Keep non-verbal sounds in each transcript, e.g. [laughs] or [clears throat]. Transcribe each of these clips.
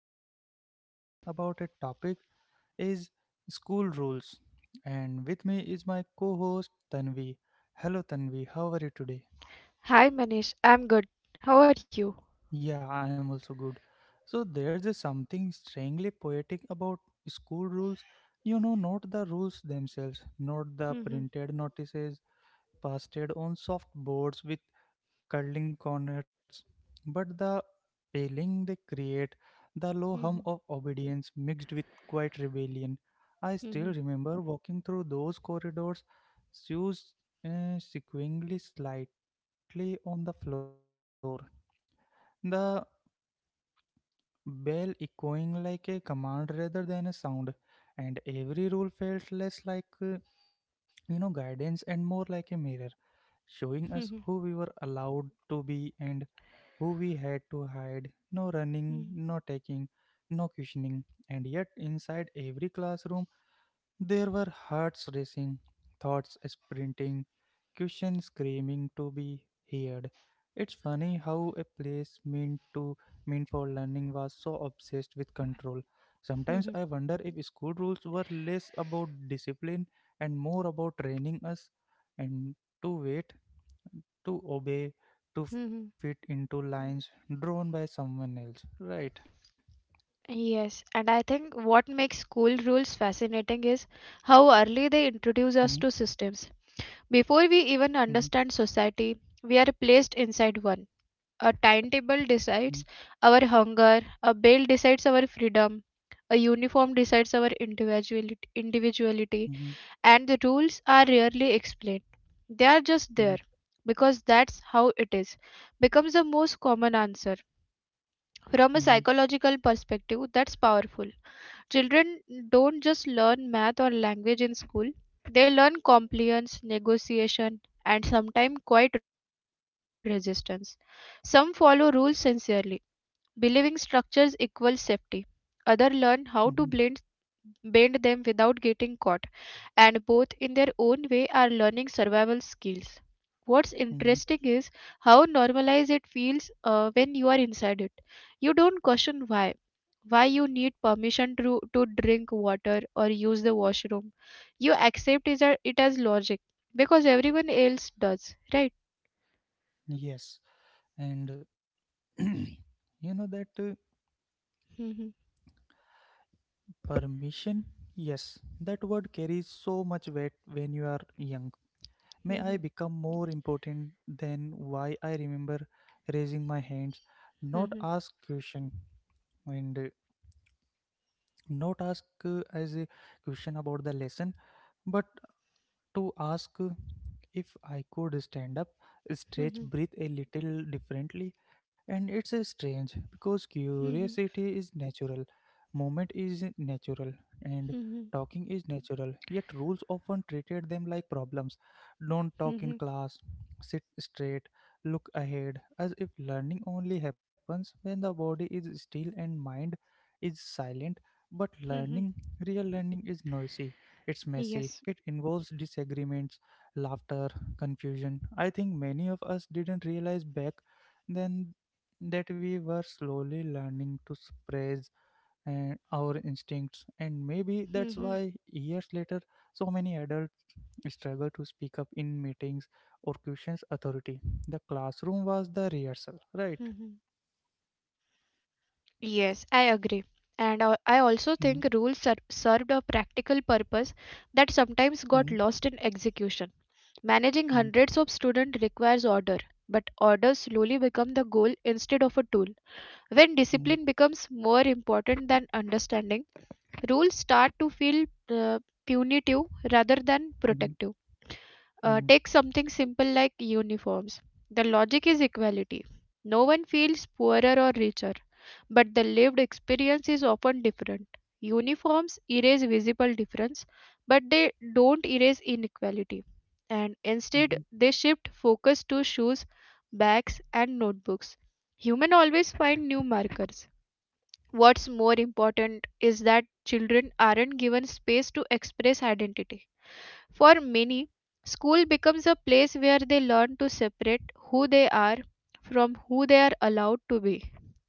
and today we are talking about a topic is school rules. And with me is my co-host Tanvi. Hello, Tanvi. How are you today? Hi Manish, I'm good. How are you? Yeah, I am also good. So there's just something strangely poetic about school rules. You know, not the rules themselves, not the [laughs] printed notices pasted on soft boards with cuddling corners, but the paling they create, the low hum of obedience mixed with quiet rebellion. I still remember walking through those corridors, shoes sequentially slightly on the floor, the bell echoing like a command rather than a sound, and every rule felt less like guidance and more like a mirror showing us who we were allowed to be and who we had to hide, no running, no taking, no questioning. And yet, inside every classroom, there were hearts racing, thoughts sprinting, questions screaming to be heard. It's funny how a place meant for learning was so obsessed with control. Sometimes I wonder if school rules were less about discipline and more about training us and to wait to obey, to fit into lines drawn by someone else, right? Yes, and I think what makes school rules fascinating is how Mm-hmm. early they introduce us to systems. Before Mm-hmm. we even understand society, we are placed inside one. A Mm-hmm. timetable decides our hunger, a bill decides our freedom, a uniform decides our individuality, Mm-hmm. And the rules are rarely explained. They are just Mm-hmm. there because that's how it is, becomes the most common answer. From Mm-hmm. a psychological perspective, that's powerful. Children don't just learn math or language in school, they learn compliance, negotiation, and sometimes quite resistance. Some follow rules sincerely, believing structures equal safety. Others learn how to blend, Mm-hmm. bend them without getting caught, and both in their own way are learning survival skills. What's interesting Mm-hmm. is how normalized it feels when you are inside it. You don't question why you need permission to drink water or use the washroom. You accept it as logic because everyone else does, right? Yes, and [clears throat] you know that, [laughs] permission. Yes, that word carries so much weight when you are young. May I become Mhm, more important than why I remember raising my hands, not ask mhm, question, and not ask as a question about the lesson but to ask if I could stand up, stretch, breathe mhm, a little differently. And it's a strange because curiosity is mhm, natural, movement is natural, and talking is mhm, natural. Yet rules often treated them like problems. Don't talk in mhm, mhm, class, mhm, sit straight, look ahead, as if learning only happens when the body is still and mind is silent. But learning, real learning, mhm. is noisy, it's messy, it involves Yes. disagreements, laughter, confusion. I think many of us didn't realize back then that we were slowly learning to suppress our instincts, and maybe that's why [laughs] years Mhm, later so many adults struggle to speak up in meetings or question authority. The classroom was the rehearsal, right? mhm. Yes, I agree. And I Mm-hmm. also think rules served a practical purpose that Mm-hmm. sometimes got lost in execution. Managing Mm-hmm. hundreds of students requires order, but order slowly become the goal instead of a tool. When Mm-hmm. discipline becomes more important than understanding, rules start to feel punitive rather than protective. Mm-hmm. Take something simple like uniforms. The logic is equality. No one feels poorer or richer, but the lived experience is often different. Uniforms erase visible difference, but they don't erase inequality. And Mm-hmm. instead, they shift focus to shoes, bags, and notebooks. Human always find new markers. What's more important is that children aren't given space to express identity. For many, school becomes a place where they learn to separate who they are from who they are allowed to be.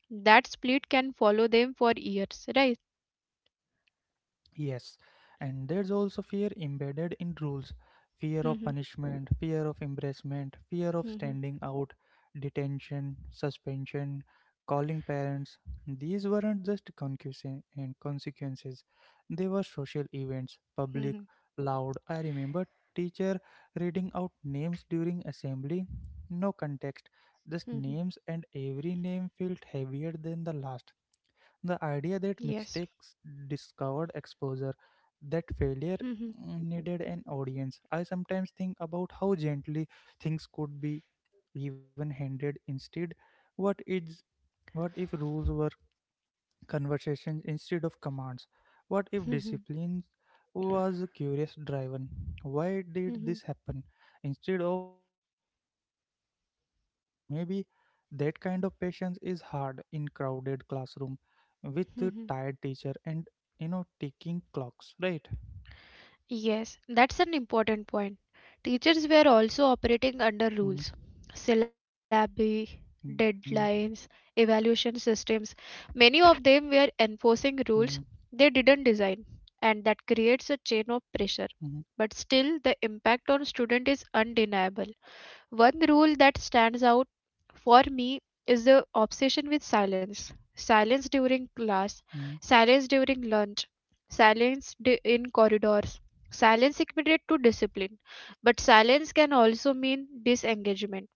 That split can follow them for years, right? Yes, and there's also fear embedded in rules, fear of Mhm, punishment, fear of embarrassment, fear of mhm, standing out, detention, suspension, calling parents. These weren't just concussion- and consequences, they were mhm, social events, public, loud. I remember teacher reading out names during assembly, no mhm. context, just names, and every name felt heavier than the last, the Yes. idea that mistakes discovered exposure, that Mhm, failure needed an audience. I sometimes think about how gently things could be even handed instead. What is what if rules were conversations instead of commands? What if mhm, discipline was curious driven? Why mhm, did this happen? Instead of who did this? But maybe that kind of patience is hard in crowded classroom with mhm. a tired teacher and ticking clocks, right? Yes, that's an important point. Teachers were also operating under rules, Mm-hmm. syllabi, Mm-hmm. deadlines, evaluation systems. Many of them were enforcing Mm-hmm. rules they didn't design, and that creates a chain of Mm-hmm. pressure. But still, the impact on student is undeniable. One rule that stands out for me is the obsession with silence. Silence during class, Mm-hmm. silence during lunch, silence in corridors. Silence equated to discipline, but silence can also mean disengagement.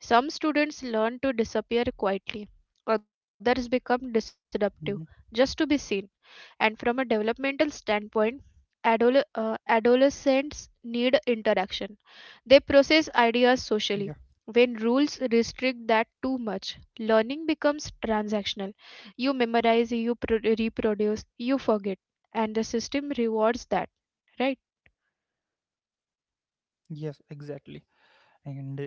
Some students learn to disappear quietly, others become disruptive Mm-hmm. just to be seen. And from a developmental standpoint, adolescents need interaction, they process ideas Yeah, socially. When rules restrict that too much, learning becomes transactional. You memorize, you reproduce, you forget, and the system rewards that, right? yes, exactly. And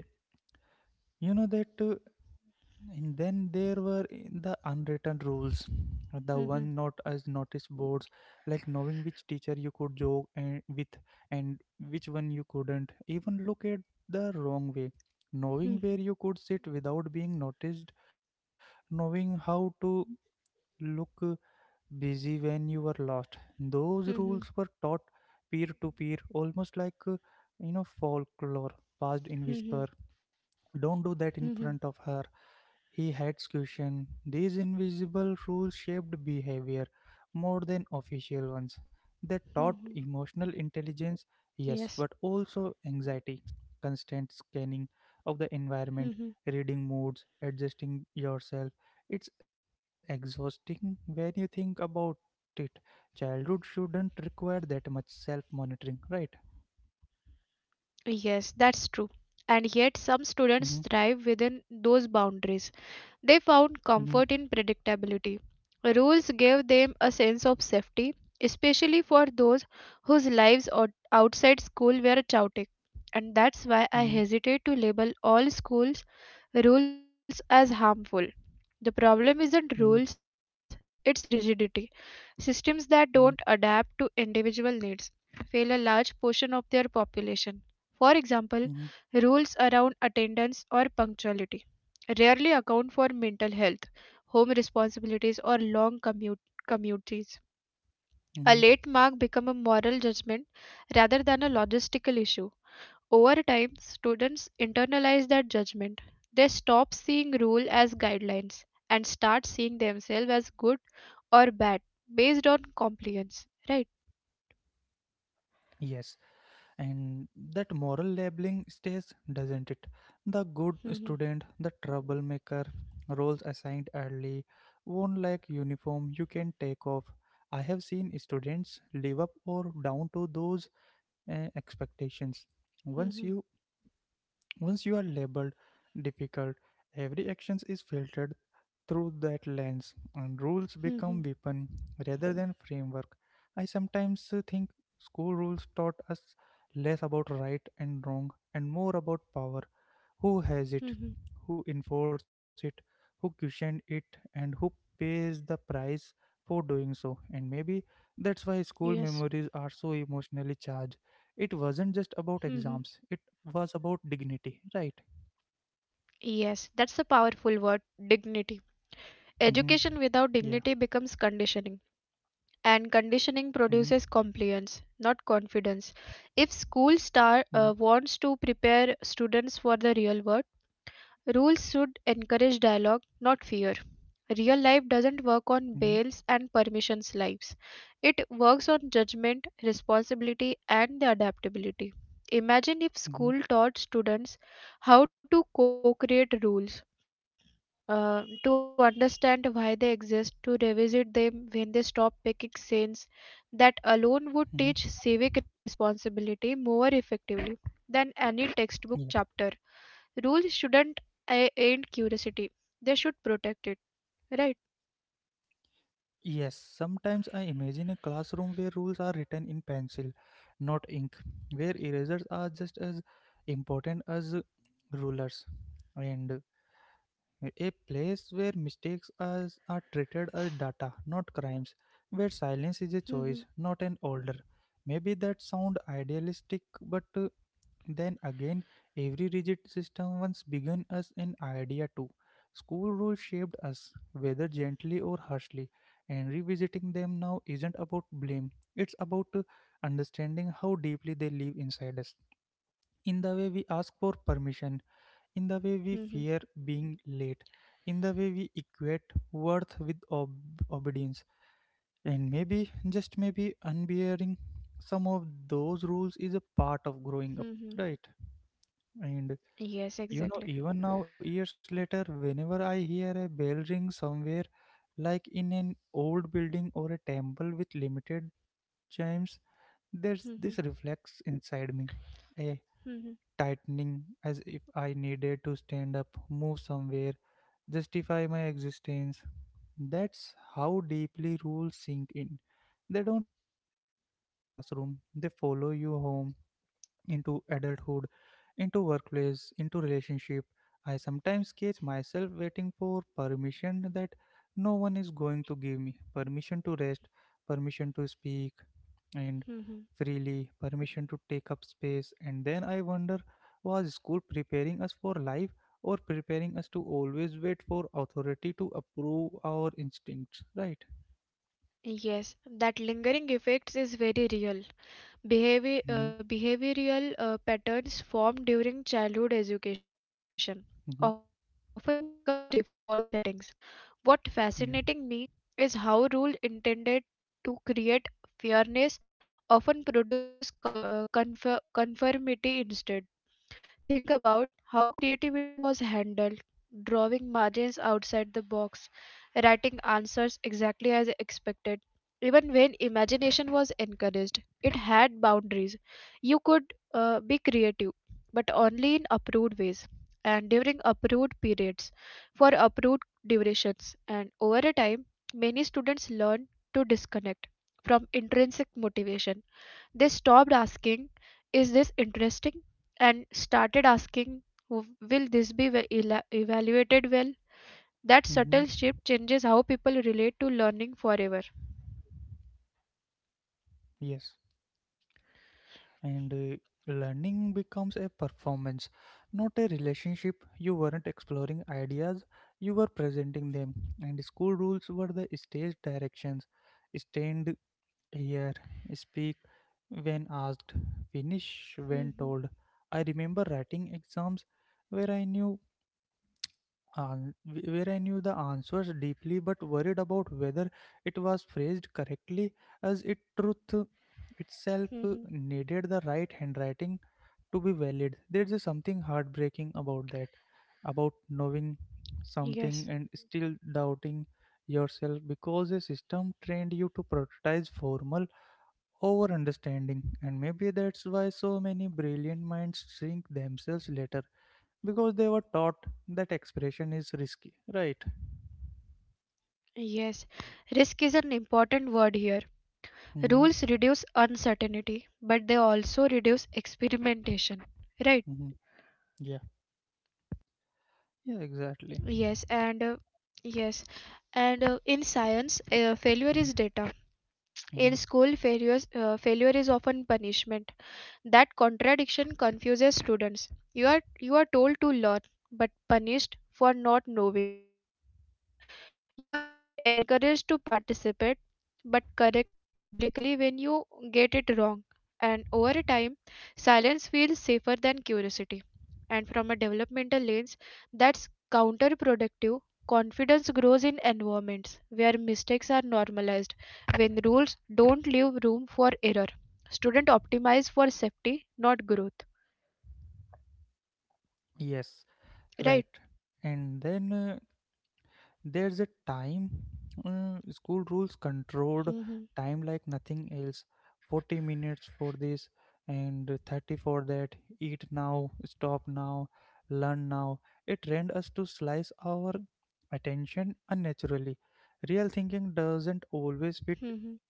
you know that And then there were the unwritten rules, the one not Mhm, as notice boards, like knowing which teacher you could joke and with and which one you couldn't. Even look at the wrong way, knowing where you mhm, could sit without being noticed, knowing how to look busy when you were lost. Those rules were taught mhm, peer to peer, almost like folklore, passed in whisper. mhm, Don't do that in mhm, front of her, he hates question. These invisible rules shaped behavior more than official ones. mhm. They taught emotional Yes. intelligence, yes, but also anxiety, constant scanning mhm. of the environment, reading moods, adjusting yourself. It's exhausting when you think about it. Childhood shouldn't require that much self monitoring, right? Yes, that's true. And yet, some Mm-hmm. students thrive within those boundaries. They found Mm-hmm. comfort in predictability. Rules gave them a sense of safety, especially for those whose lives outside school were chaotic. And that's why I Mm-hmm. hesitate to label all schools' rules as harmful. The problem isn't rules, it's rigidity. Systems that don't adapt to Mm-hmm. individual needs fail a large portion of their population. For example, rules Mm-hmm. around attendance or punctuality rarely account for mental health, home responsibilities, or long commute commutes. A late Mm-hmm. mark become a moral judgment rather than a logistical issue. Over time, students internalize that judgment. They stop seeing rule as guidelines and start seeing themselves as good or bad based on compliance. Right? Yes, and that moral labeling stays, doesn't it, the good hmm student, the troublemaker, roles assigned early, won't like uniform you can take off. I have seen students live up or down to those expectations. once you hmm once you are labeled difficult, every action is filtered through that lens, and rules become hmm weapon hmm rather than framework. I sometimes think school rules taught us less about right and wrong and more about power. Who has it? hmm Who enforces it? Who questions it? And who pays the price for doing so? And maybe that's why school Yes. memories are so emotionally charged, it wasn't just about hmm exams, it was about dignity, right? Yes, that's a powerful word, dignity. Hmm. Yeah. Education without dignity becomes conditioning, and Hmm. conditioning produces compliance, not confidence. If school Hmm. star wants to prepare students for the real world, rules should encourage dialogue, not fear. Real life doesn't work Hmm. on bails and permissions lives. It works on judgment, responsibility, and the adaptability. Imagine if Hmm. school taught students how to co create rules, to understand why they exist, to revisit them when they stop making sense. That alone would Hmm. teach civic responsibility more effectively than any textbook Yeah. chapter. Rules shouldn't end curiosity, they should protect it, right? Yes. Sometimes I imagine a classroom where rules are written in pencil, not ink, where erasers are just as important as rulers, and a place where mistakes are treated as data, not crimes, where silence is a choice, hmm not an order. Maybe that sound idealistic, but then again, every rigid system once began as an idea too. School rules shaped us, whether gently or harshly, and revisiting them now isn't about blame. It's about understanding how deeply they live inside us. In the way we ask for permission, in the way we hmm fear being late, in the way we equate worth with obedience. And maybe, just maybe, unbearing some of those rules is a part of growing up, hmm right? And Yes, exactly. even now, years later, whenever I hear a bell ring somewhere, like in an old building or a temple with limited chimes, there's hmm this reflex inside me, hmm tightening as if I needed to stand up, move somewhere, justify my existence. That's how deeply rules sink in. They don't stay in classroom, they follow you home, into adulthood, into workplace, into relationship. I sometimes catch myself waiting for permission that no one is going to give me. Permission to rest, permission to speak and hmm freely, permission to take up space. And then I wonder, was school preparing us for life or preparing us to always wait for authority to approve our instincts, right? Yes, that lingering effects is very real. Mm-hmm. Behavioral patterns formed during childhood education often becomes Mm-hmm. default settings. What fascinating me is how Yeah. rule intended to create fairness often produce conformity instead. Think about how creativity was handled, drawing margins outside the box, writing answers exactly as expected. Even when imagination was encouraged, it had boundaries. You could be creative, but only in approved ways and during approved periods for approved durations. And over a time, many students learn to disconnect from intrinsic motivation. They stopped asking, "Is this interesting?" and started asking, Will this be evaluated well?" That Mm-hmm. subtle shift changes how people relate to learning forever. Yes. And learning becomes a performance, not a relationship. You weren't exploring ideas, you were presenting them, and school rules were the stage directions: stand here, speak when asked, finish when told. Mhm, I remember writing exams where i knew an- where I knew the answers deeply but worried about whether it was phrased correctly, as it truth mhm. itself needed the right handwriting to be valid. There's just something heartbreaking about that, about knowing Yes, something and still doubting yourself because a system trained you to prioritize formal over understanding. And maybe that's why so many brilliant minds shrink themselves later because they were taught that expression is risky, right? yes. Risk is an important word here. Mm-hmm. Rules reduce uncertainty, but they also reduce experimentation. Right? Mm-hmm. Yeah, yeah, exactly. Yes, yes, and in science, failure is Mm-hmm. data. In Mm-hmm. school, failure is often punishment. That contradiction confuses students. You are told to learn, but punished for not knowing. You are encouraged to participate but corrected publicly when you get it wrong. And over time, silence feels safer than curiosity. And from a developmental lens, that's counterproductive. Confidence grows in environments where mistakes are normalized. When rules don't leave room for error, students optimize for safety, not growth. Yes, Right. right. And then There's a time school rules Mm-hmm. controlled time like nothing else. 40 minutes for this and 30 for that. Eat now, stop now, learn now. It trained us to slice our attention unnaturally. Real thinking doesn't Mm-hmm. always fit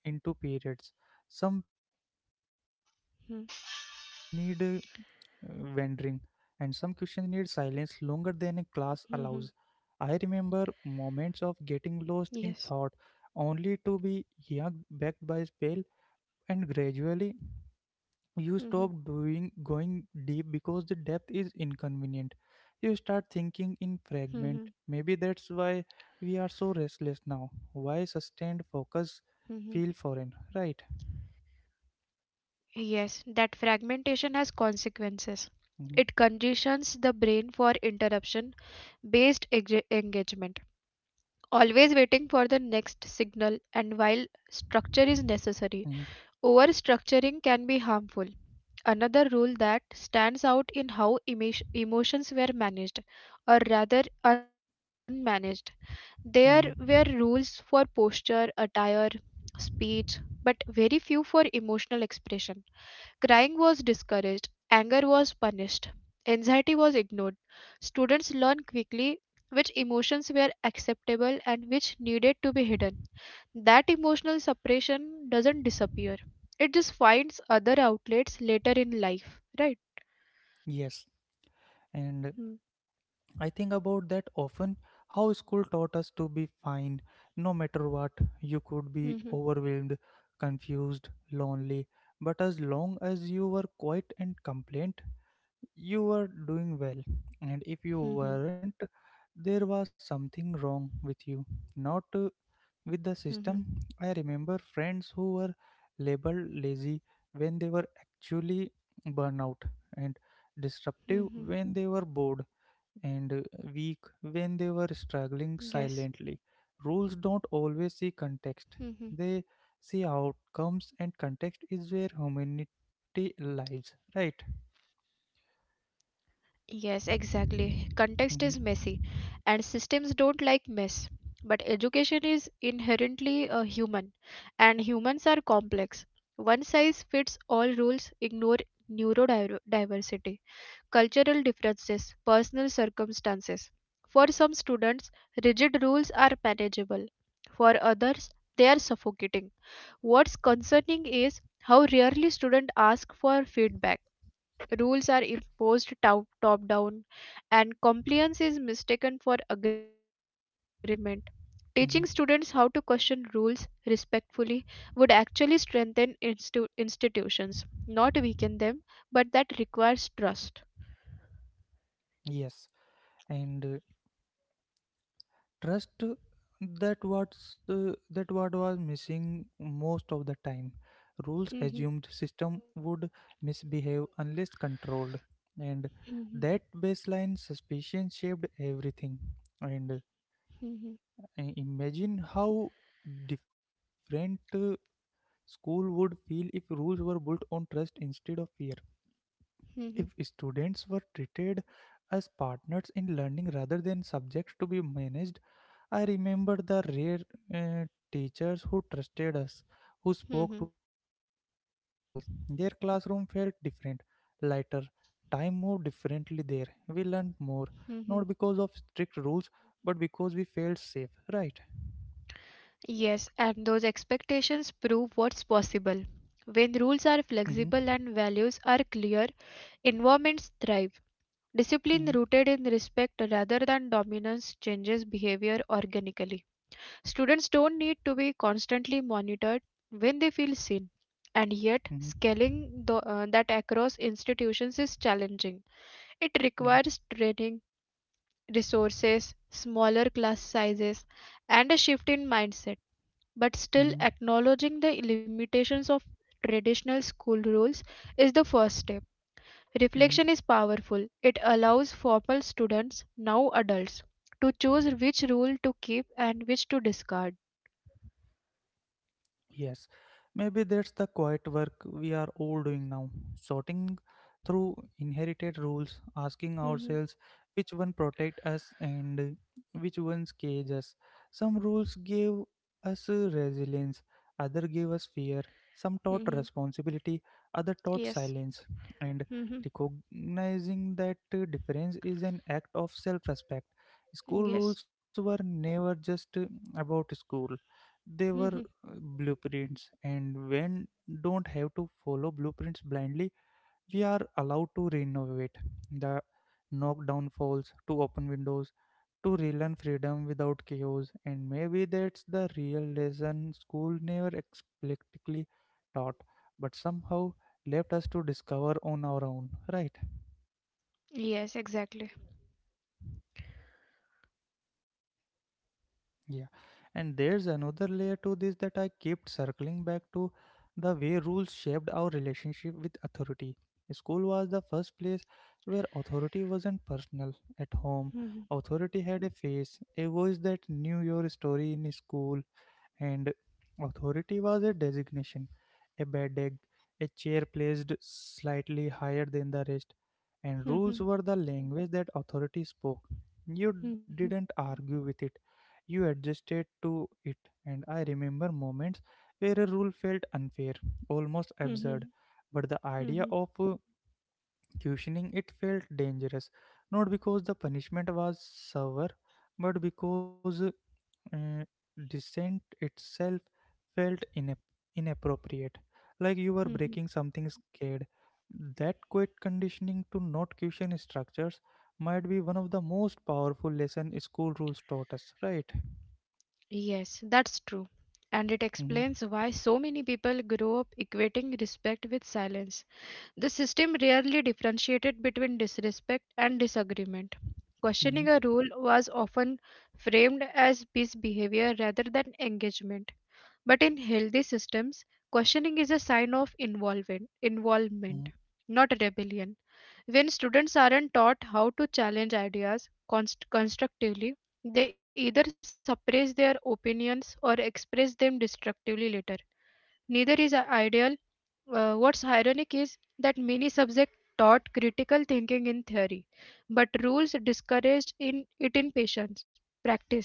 into periods. Some ideas need wandering, and some questions need silence longer than a class Mm-hmm. allows. I remember moments of getting lost Yes. in thought, only to be yanked back by a spell, and gradually Mm-hmm. you stop doing going deep because the depth is inconvenient. You start thinking in fragment. Maybe that's why we are so restless now. Why sustained focus Mm-hmm. feel foreign, right? Yes, that fragmentation has consequences. Mhm. It conditions the brain for interruption based engagement, always waiting for the next signal, and while structure is necessary, Mhm. overstructuring can be harmful. Another rule that stands out in how emotions were managed, or rather unmanaged. There were Mhm. rules for posture, attire, speech, but very few for emotional expression. Crying was discouraged, anger was punished, anxiety was ignored. Students learned quickly which emotions were acceptable and which needed to be hidden. That emotional suppression doesn't disappear, it just finds other outlets later in life, right? Yes, and Hmm. I think about that often, how school taught us to be fine no matter what. You could be Mhm. overwhelmed, confused, lonely, but as long as you were quiet and complained, you were doing well. And if you Mhm. weren't, there was something wrong with you, not Mhm. with the system. I remember friends who were labeled lazy when they were actually burnout, and Mhm. disruptive when they were bored, and Yes. weak when they were struggling silently. Rules don't Mhm. always see context, they see outcomes, and context is where humanity lies, right? Yes, exactly. Context is messy, Mhm. and systems don't like mess. But education is inherently a human, and humans are complex. One size fits all rules ignore neurodiversity, cultural differences, personal circumstances. For some students, rigid rules are manageable. For others, they are suffocating. What's concerning is how rarely students ask for feedback. Rules are imposed top down, and compliance is mistaken for agreement. Teaching students how to Mhm. question rules respectfully would actually strengthen institutions, not weaken them, but that requires trust. Yes, and trust, that what was missing most of the time, rules Mhm, assumed system would misbehave unless controlled, and mhm, that baseline suspicion shaped everything. And mhm, imagine how different school would feel if rules were built on trust instead of fear, if mhm, students were treated as partners in learning rather than subjects to be managed. I remember the rare teachers who trusted us, who spoke to us mhm, like equals. Their classroom felt different, lighter, time moved differently there, we learned more not mhm. because of strict rules but because we felt safe, right? Yes, and those expectations prove what's possible. When rules are Mm-hmm. flexible and values are clear, environments thrive. Discipline Mm-hmm. rooted in respect rather than dominance changes behavior organically. Students don't need to be constantly monitored when they feel seen, and yet Mm-hmm. scaling that across institutions is challenging. It requires Yeah. training, resources, smaller class sizes, and a shift in mindset. But still, Mm-hmm. acknowledging the limitations of traditional school rules is the first step. Reflection is Mm-hmm. powerful. It allows former students, now adults, to choose which rule to keep and which to discard. Yes, maybe that's the quiet work we are all doing now, sorting through inherited rules, asking hmm ourselves which one protect us and which ones cage us. Some rules gave us resilience, other gave us fear. Some taught hmm responsibility, other taught Yes. silence. And hmm recognizing that difference is an act of self-respect. School rules Yes. were never just about school; they were hmm blueprints, and when don't have to follow blueprints blindly, we are allowed to renovate the knockdown falls to open windows, to relearn freedom without chaos. And maybe that's the real lesson school never explicitly taught but somehow left us to discover on our own, right? Yes, exactly. Yeah, and there's another layer to this that I kept circling back to, the way rules shaped our relationship with authority. School was the first place where authority wasn't personal. At home, hmm authority had a face, a voice that knew your story. In school, and authority was a designation, a bad egg, a chair placed slightly higher than the rest, and rules hmm were the language that authority spoke. You hmm didn't argue with it, you adjusted to it. And I remember moments where a rule felt unfair, almost hmm absurd, but the idea hmm of questioning it felt dangerous, not because the punishment was severe, but because uh, dissent itself felt inappropriate, like you were breaking hmm something scared. That quiet conditioning to not question structures might be one of the most powerful lesson school rules taught us, right? Yes, that's true. And it Mm-hmm. explains why so many people grow up equating respect with silence. The system rarely differentiated between disrespect and disagreement. Questioning Mm-hmm. a rule was often framed as misbehavior rather than engagement. But in healthy systems, questioning is a sign of involvement, Mm-hmm. not rebellion. When students aren't taught how to challenge ideas constructively, they either suppress their opinions or express them destructively later. Neither is ideal. What's ironic is that many subjects taught critical thinking in theory, but rules discouraged in it in patients practice.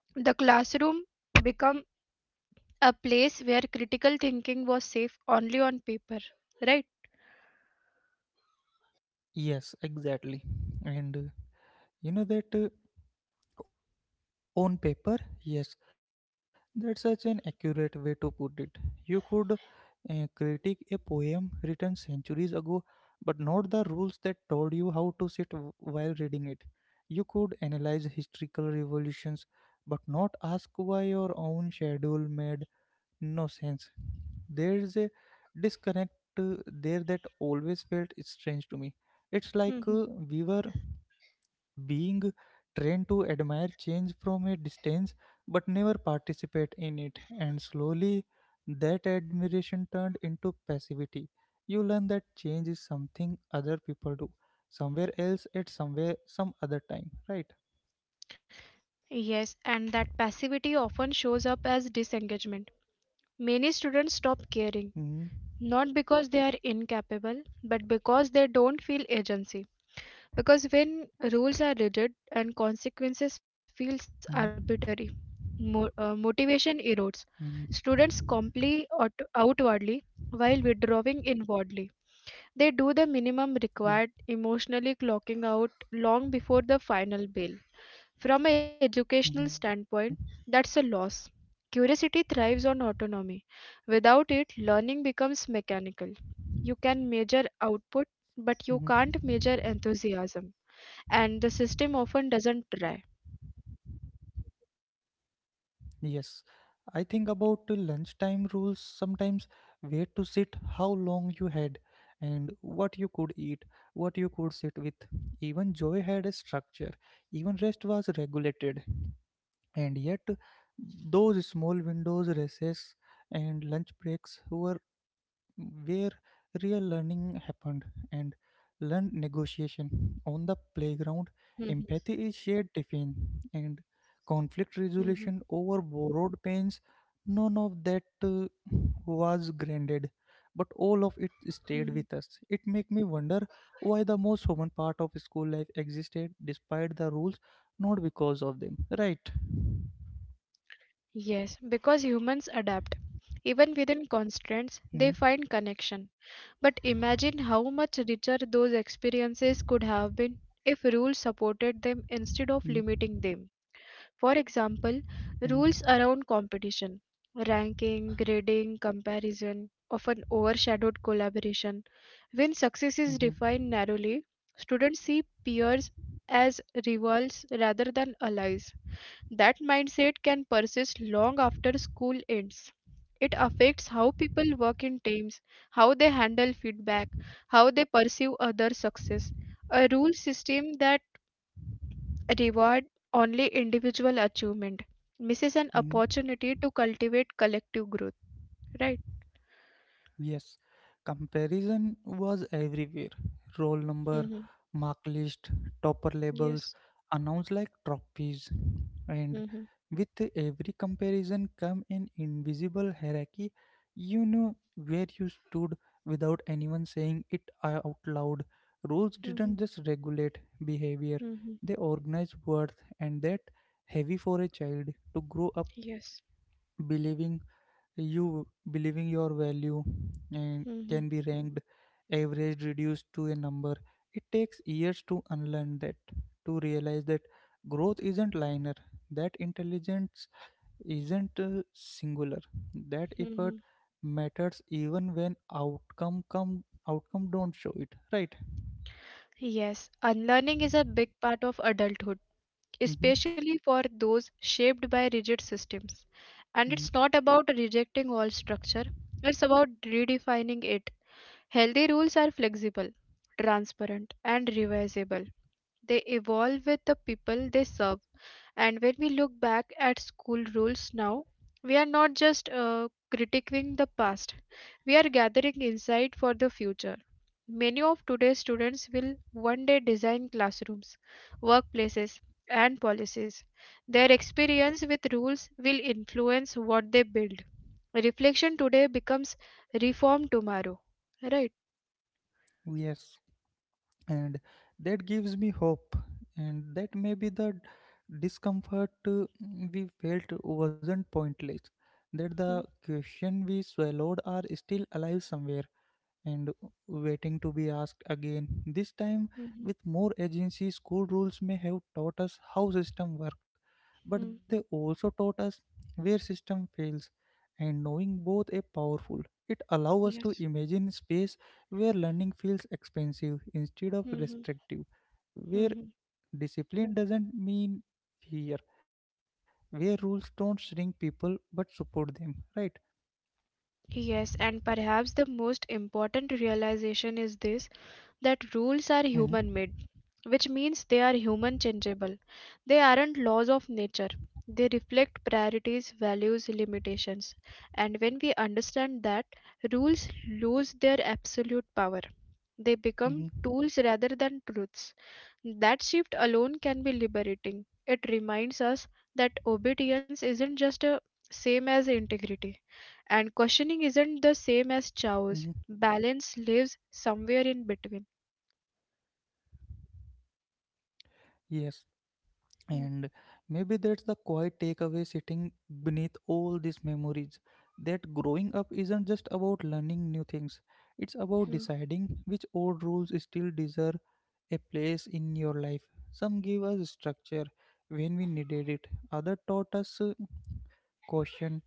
The classroom become a place where critical thinking was safe only on paper, right? Yes, exactly. And you know that On paper, yes, that's such an accurate way to put it. You could critique a poem written centuries ago, but not the rules that told you how to while reading it. You could analyze historical revolutions, but not ask why your own schedule made no sense. There is a disconnect there that always felt strange to me. It's like Mhm. we were being trained to admire change from a distance but never participate in it, and slowly that admiration turned into passivity. You learn that change is something other people do somewhere else at somewhere some other time, right? Yes, and that passivity often shows up as disengagement. Many students stop caring, Mm-hmm. not because they are incapable, but because they don't feel agency. Because when rules are rigid and consequences feels arbitrary, Mm-hmm. Motivation erodes. Mm-hmm. Students comply outwardly while withdrawing inwardly. They do the minimum required, Yeah. emotionally clocking out long before the final bell. From an educational standpoint, Mm-hmm. that's a loss. Curiosity thrives on autonomy. Without it, learning becomes mechanical. You can measure output, but you can't Mm-hmm. measure enthusiasm, and the system often doesn't try. Yes, I think about the lunchtime rules sometimes, where to sit, how long you had, and what you could eat, what you could sit with. Even joy had a structure, even rest was regulated. And yet, those small windows, recess, and lunch breaks were where real learning happened, and learned negotiation on the playground, Mhm, empathy is shared tiffin, and conflict mhm, resolution over borrowed pains. None of that was granted, but all of it stayed mhm. with us. It make me wonder why the most human part of school life existed despite the rules, not because of them, right? Yes, because humans adapt. Even within Mm-hmm. constraints, they find connection. But imagine how much richer those experiences could have been if rules supported them Mm-hmm. instead of limiting them. For Mm-hmm. example, rules around competition, ranking, grading, comparison often overshadowed collaboration. When success Mm-hmm. is defined narrowly, students see peers as rivals rather than allies. That mindset can persist long after school ends. It affects how people work in teams, how they handle feedback, how they perceive other success. A rule system that reward only individual achievement, misses an Mm-hmm. opportunity to cultivate collective growth, right? Yes, comparison was everywhere. Roll number, Mm-hmm. mark list, topper labels, Yes. announced like trophies. And Mm-hmm. with every comparison come an invisible hierarchy. You knew where you stood without anyone saying it out loud. Rules Mm-hmm. didn't just regulate behavior, Mm-hmm. they organized worth, and that heavy for a child, to grow up Yes. believing you believing your value and Mm-hmm. can be ranked, averaged, reduced to a number. It takes years to unlearn that, to realize that growth isn't linear, that intelligence isn't singular, that effort Mm-hmm. matters even when outcome don't show it, right? Yes, unlearning is a big part of adulthood, Mm-hmm. especially for those shaped by rigid systems. And Mm-hmm. it's not about rejecting all structure, it's about redefining it. Healthy rules are flexible, transparent, and revisable. They evolve with the people they serve. And when we look back at school rules now, we are not just critiquing the past, we are gathering insight for the future. Many of today's students will one day design classrooms, workplaces, and policies. Their experience with rules will influence what they build. Reflection today becomes reform tomorrow. Right? Yes, and that gives me hope, and that maybe the discomfort we felt wasn't pointless, that the Hmm, question we swallowed are still alive somewhere and waiting to be asked again. This time, hmm, with more agency, school rules may have taught us how system work, hmm, but they also taught us where system fails. And knowing both a powerful, it allows us to Yes. imagine space where learning feels expensive instead of hmm, restrictive, where hmm, discipline doesn't mean fear, where rules don't shrink people but support them. Right? Yes, and perhaps the most important realization is this that rules Hmm. are human made, which means they are human changeable. They aren't laws of nature, they reflect priorities, values, limitations. And when we understand that, rules lose their absolute power. They become Hmm. tools rather than truths. That shift alone can be liberating. It reminds us that obedience isn't just a same as integrity. And questioning isn't the same as Hmm. chows. Balance lives somewhere in between. Yes. Hmm, And maybe that's the quiet takeaway sitting beneath all these memories, that growing up isn't just about learning new things, it's about hmm, deciding which old rules still deserve a place in your life. Some give us structure when we needed it, other taught us caution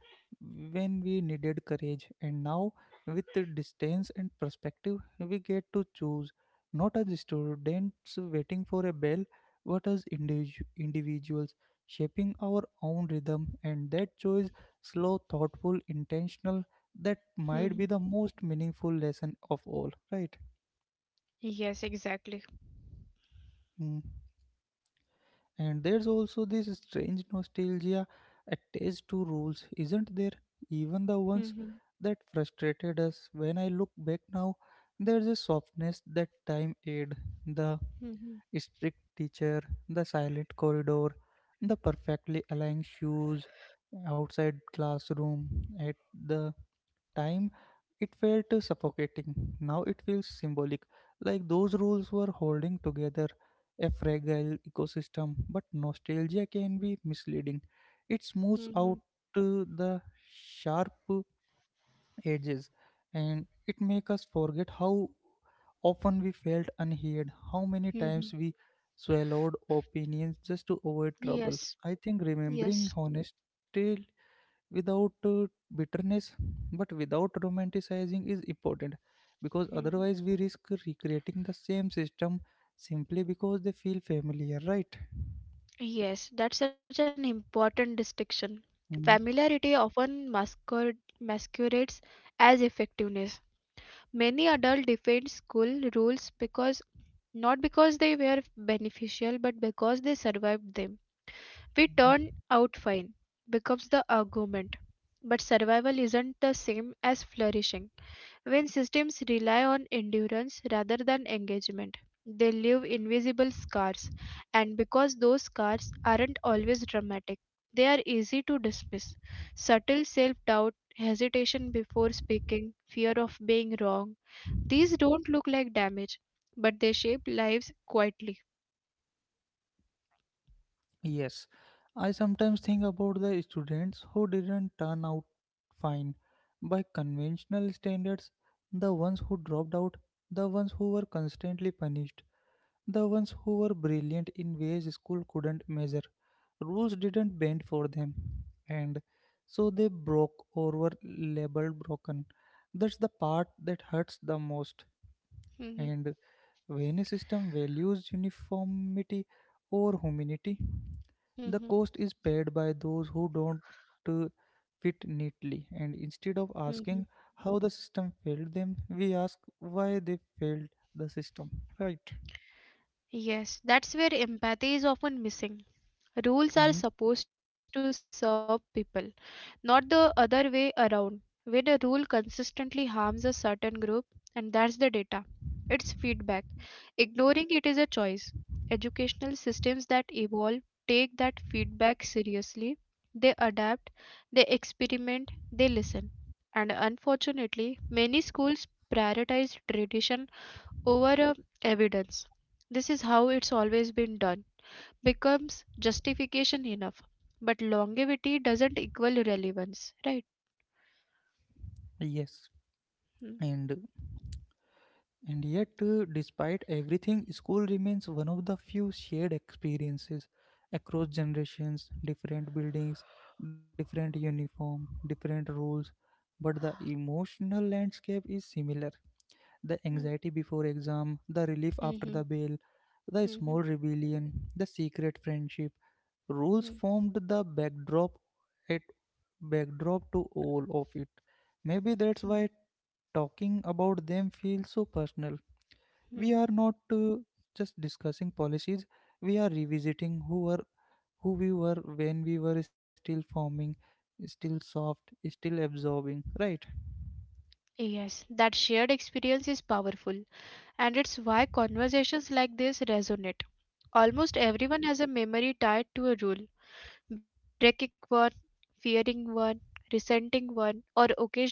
when we needed courage, and now with the distance and perspective, we get to choose, not as students waiting for a bell, but as individuals shaping our own rhythm. And that choice, slow, thoughtful, intentional, that hmm, might hmm. be the most meaningful lesson of all, right? Yes, exactly. Mm. And there's also this strange nostalgia attached to rules, isn't there? Even the Hmm, ones hmm, that frustrated us. When I look back now, there's a softness that time aid. The hmm, hmm, strict teacher, the silent corridor, the perfectly aligned shoes outside classroom. At the time, it felt suffocating. Now it feels symbolic, like those rules were holding together a fragile ecosystem. But nostalgia can be misleading. It hmm, smooths hmm, out the sharp ages, and it make us forget how often we felt unheard, how many hmm, hmm. times we swallowed opinions just to avoid trouble. Yes, I think yes. remembering honesty without bitterness but without romanticizing is important, because hmm, hmm. otherwise we risk recreating the same system simply because they feel familiar, right? Yes, that's such an important distinction. Mhm. Familiarity often masquerades as effectiveness. Many adults defend school rules because not because they were beneficial, but because they survived them. "We turned Mhm. out fine" becomes the argument. But survival isn't the same as flourishing. When systems rely on endurance rather than engagement, they leave invisible scars. And because those scars aren't always dramatic, they are easy to dismiss. Subtle self doubt, hesitation before speaking, fear of being wrong. These don't look like damage, but they shape lives quietly. Yes, I sometimes think about the students who didn't turn out fine by conventional standards, the ones who dropped out, the ones who were constantly punished, the ones who were brilliant in ways school couldn't measure. Rules didn't bend for them, and so they broke or were labeled broken. That's the part that hurts the most. And when a system values uniformity or humanity, the cost [laughs] is paid by those who don't uh, fit neatly. And instead of asking how the system failed them, we ask why they failed the system. Right? Yes, that's where empathy is often missing. Rules are Mhm. supposed to serve people, not the other way around. When a rule consistently harms a certain group, and that's the data, it's feedback. Ignoring it is a choice. Educational systems that evolve take that feedback seriously. They adapt, they experiment, they listen. And unfortunately, many schools prioritize tradition over evidence. This is how it's always been done, becomes justification enough. But longevity doesn't equal relevance, right? Yes. Mm, And And yet, despite everything, school remains one of the few shared experiences across generations, different buildings, different uniform, different rules, but the emotional landscape is similar. The anxiety mm, before exam, the relief after the mhm, bail, the mhm, small rebellion, the secret friendship, mhm, rules formed the backdrop at backdrop to all of it. Maybe that's why talking about them feels so personal. We are mhm. not just discussing policies, we are revisiting who we were when we were still forming, still soft, still absorbing, right? Yes, that shared experience is powerful, and it's why conversations like this resonate. Almost everyone has a memory tied to a rule, breaking one, fearing one, resenting one, or occasionally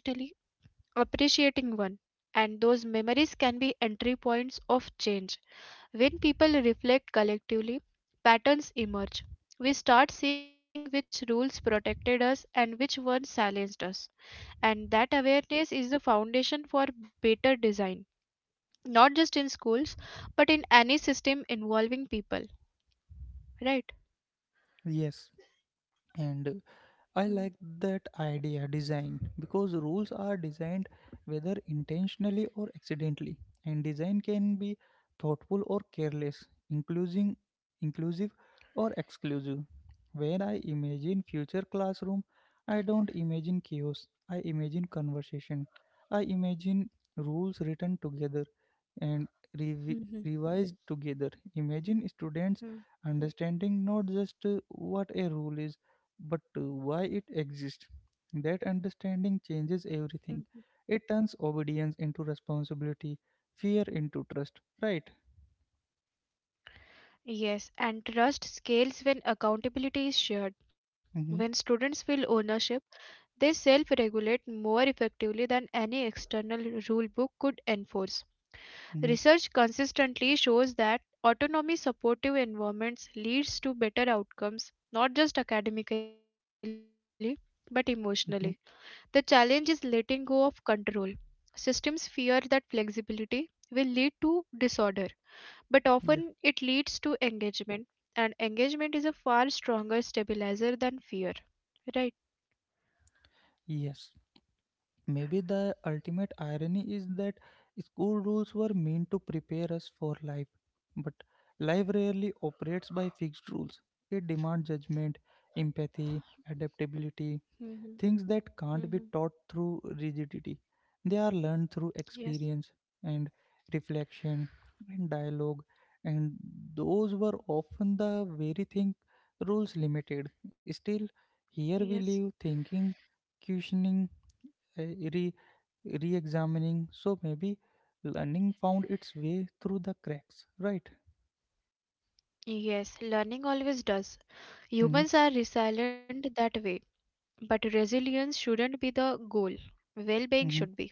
appreciating one. And those memories can be entry points of change. When people reflect collectively, patterns emerge. We start seeing which rules protected us and which ones silenced us. And that awareness is the foundation for better design, not just in schools, but in any system involving people. Right? Yes, and I Mm, like that idea design, because rules are designed, whether intentionally or accidentally, and design can be thoughtful or careless, including inclusive or exclusive. When I imagine future classroom, I don't imagine chaos, I imagine conversation. I imagine rules written together and revi- mm, mm, revised together. Imagine students mm, understanding not just what a rule is but why it exists. That understanding changes mm. everything. It turns obedience into responsibility, fear into trust, right? Yes, and trust scales when accountability is shared. When Mm-hmm, students feel ownership, they self regulate more effectively than any external rulebook could enforce. mm-hmm, Research consistently shows that autonomy supportive environments leads to better outcomes not just academically but emotionally. The mm-hmm. challenge is letting go of control. Systems fear that flexibility will lead to disorder, but often it Yeah. leads to engagement and engagement is a far stronger stabilizer than fear. Right. Yes. Maybe the ultimate irony is that school rules were meant to prepare us for life, but life rarely operates by fixed rules. It demands judgment, empathy, adaptability, Mhm. things that can't be Mhm. taught through rigidity. They are learned through Yes. experience and reflection and dialogue, and those were often the very thing rules limited. Still, here Yes, we live thinking, questioning, uh, re examining. So maybe learning found its way through the cracks, right? yes, learning always does. Humans Mm-hmm. are resilient that way, but resilience shouldn't be the goal. Well being Mm-hmm. should be.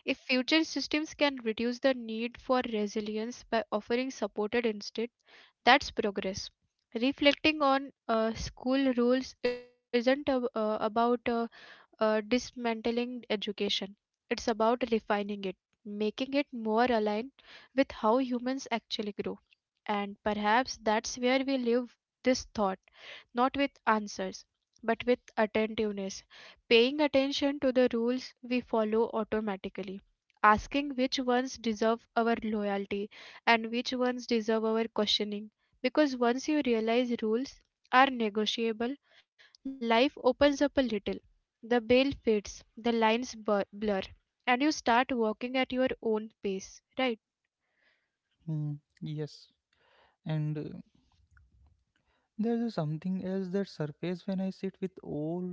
If future systems can reduce the need for resilience by offering supported instead, that's progress. Reflecting on school rules isn't about dismantling education, it's about refining it, making it more aligned with how humans actually grow. And perhaps that's where we leave this thought, not with answers, but with attentiveness, paying attention to the rules we follow automatically, asking which ones deserve our loyalty and which ones deserve our questioning. Because once you realize rules are negotiable, life opens up a little. The veil fades, the lines blur, and you start walking at your own pace, right? Mm-hmm. Yes. And there's a something else that surfaces when I sit with all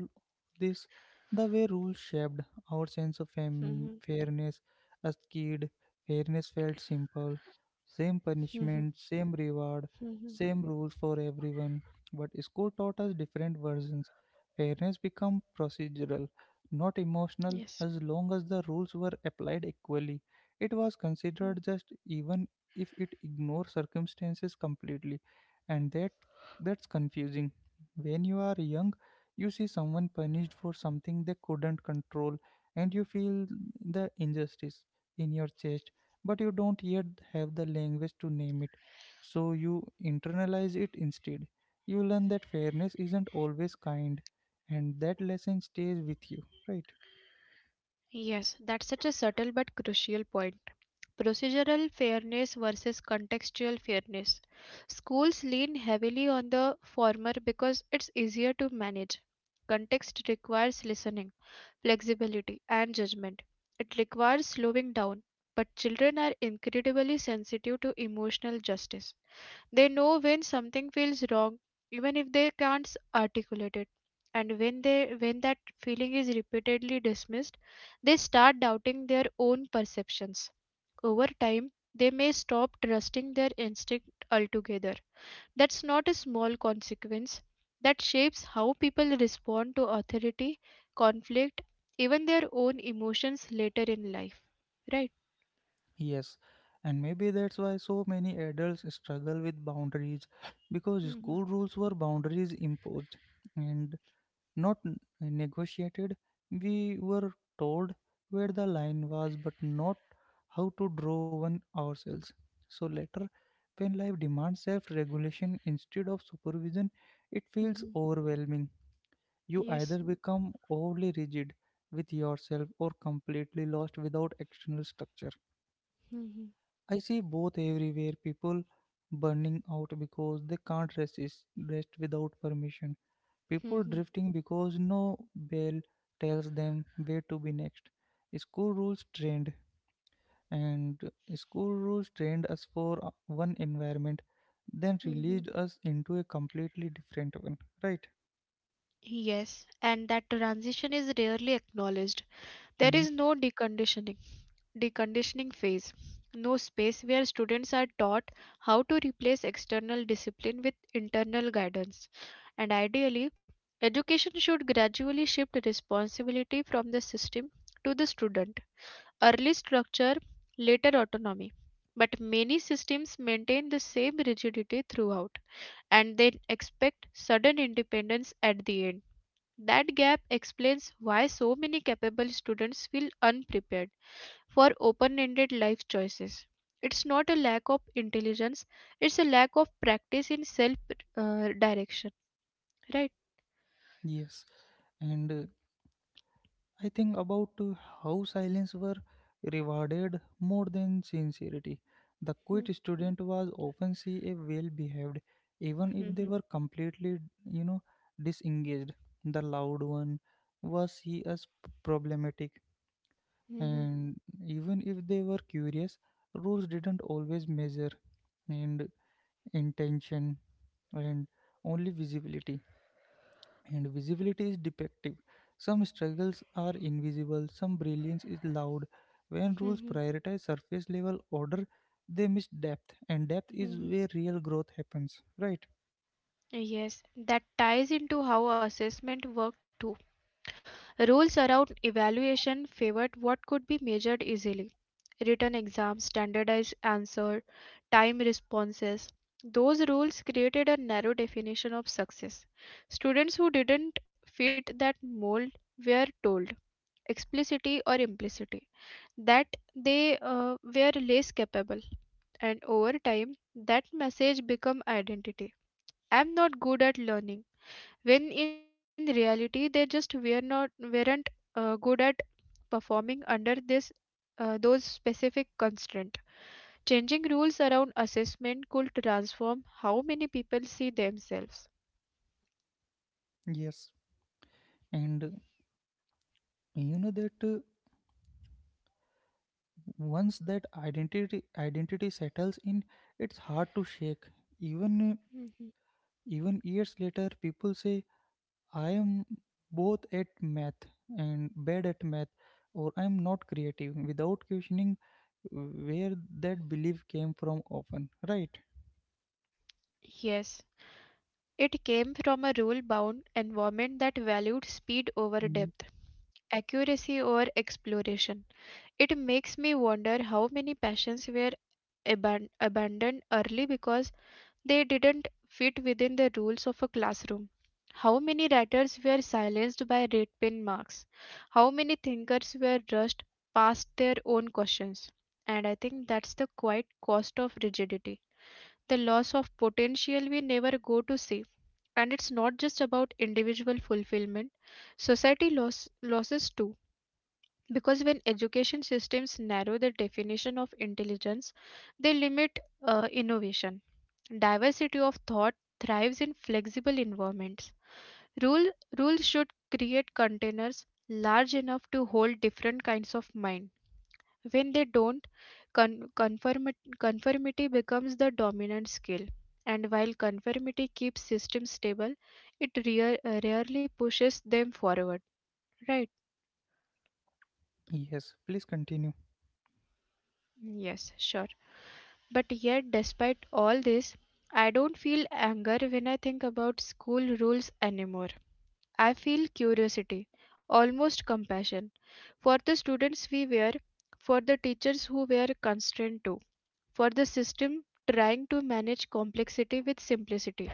this, the way rules shaped our sense of Mhm, fairness. As kid, fairness felt simple, same mhm, punishment, same reward, mhm. same rules for everyone. But school taught us different versions. Fairness became procedural, not emotional, Yes. as long as the rules were applied equally. It was considered just even if it ignored circumstances completely, and that's confusing. When you are young, you see someone punished for something they couldn't control, and you feel the injustice in your chest, but you don't yet have the language to name it. So you internalize it instead. You learn that fairness isn't always kind, and that lesson stays with you, right? Yes, that's such a subtle but crucial point. Procedural fairness versus contextual fairness. Schools lean heavily on the former because it's easier to manage. Context requires listening, flexibility, and judgment. It requires slowing down, but children are incredibly sensitive to emotional justice. They know when something feels wrong, even if they can't articulate it. And when they when that feeling is repeatedly dismissed, they start doubting their own perceptions. Over time, they may stop trusting their instinct altogether. That's not a small consequence. That shapes how people respond to authority, conflict, even their own emotions later in life. Right? Yes, and maybe that's why so many adults struggle with boundaries, because Mm-hmm. school rules were boundaries imposed and not negotiated. We were told where the line was, but not how to draw one ourselves. So later, when life demands self regulation instead of supervision, it feels Mm-hmm. overwhelming. You either Yes. become overly rigid with yourself or completely lost without external structure. Mm-hmm. I see both everywhere, people burning out because they can't resist rest without permission. People Mm-hmm. drifting because no bell tells them where to be next. School rules trained, and school rules trained us for one environment, then released us into a completely different one, right? Yes, and that transition is rarely acknowledged. There Mhm. is no deconditioning phase, no space where students are taught how to replace external discipline with internal guidance. And ideally, education should gradually shift responsibility from the system to the student. Early structure, later autonomy. But many systems maintain the same rigidity throughout, and they expect sudden independence at the end. That gap explains why so many capable students feel unprepared for open ended life choices. It's not a lack of intelligence, it's a lack of practice in self direction, right? Yes, and I think about how silence were rewarded more than sincerity. The Mhm, quiet student was often seen a well behaved, even if they hmm were completely, you know, disengaged. The loud one was seen as problematic, mhm, and even if they were curious, rules didn't always measure and intention and only visibility, and visibility is depictive. Some struggles are invisible, some brilliance is loud. When mhm, rules mhm. prioritize surface level order, they miss depth, and depth is where real growth happens, right? Yes, that ties into how assessment work too. Rules around evaluation favored what could be measured easily written exams, standardized answer, time responses. Those rules created a narrow definition of success. Students who didn't fit that mold were told, explicitly or implicitly, that they were less capable, and over time, that message became identity. I'm not good at learning, when in reality, they just weren't good at performing under this those specific constraint. Changing rules around assessment could transform how many people see themselves. Yes. And you know that once that identity settles in, it's hard to shake. Even uh, Mhm. Even years later, people say I am both at math and bad at math, or I am not creative without questioning where that belief came from often, right? Yes, it came from a rule bound environment that valued speed over Mm. depth, accuracy over exploration. It makes me wonder how many passions were abandoned early because they didn't fit within the rules of a classroom. How many writers were silenced by red pen marks? How many thinkers were rushed past their own questions? And I think that's the quiet cost of rigidity. The loss of potential we never go to see. And it's not just about individual fulfillment, losses too because when education systems narrow the definition of intelligence they limit innovation diversity of thought thrives in flexible environments rule rules should create containers large enough to hold different kinds of mind when they don't conformity becomes the dominant skill and while conformity keeps systems stable it rarely pushes them forward right? Yes, please continue. Yes, sure. But yet, despite all this, I don't feel anger when I think about school rules anymore. I feel curiosity, almost compassion, for the students we were, for the teachers who were constrained to, for the system trying to manage complexity with simplicity.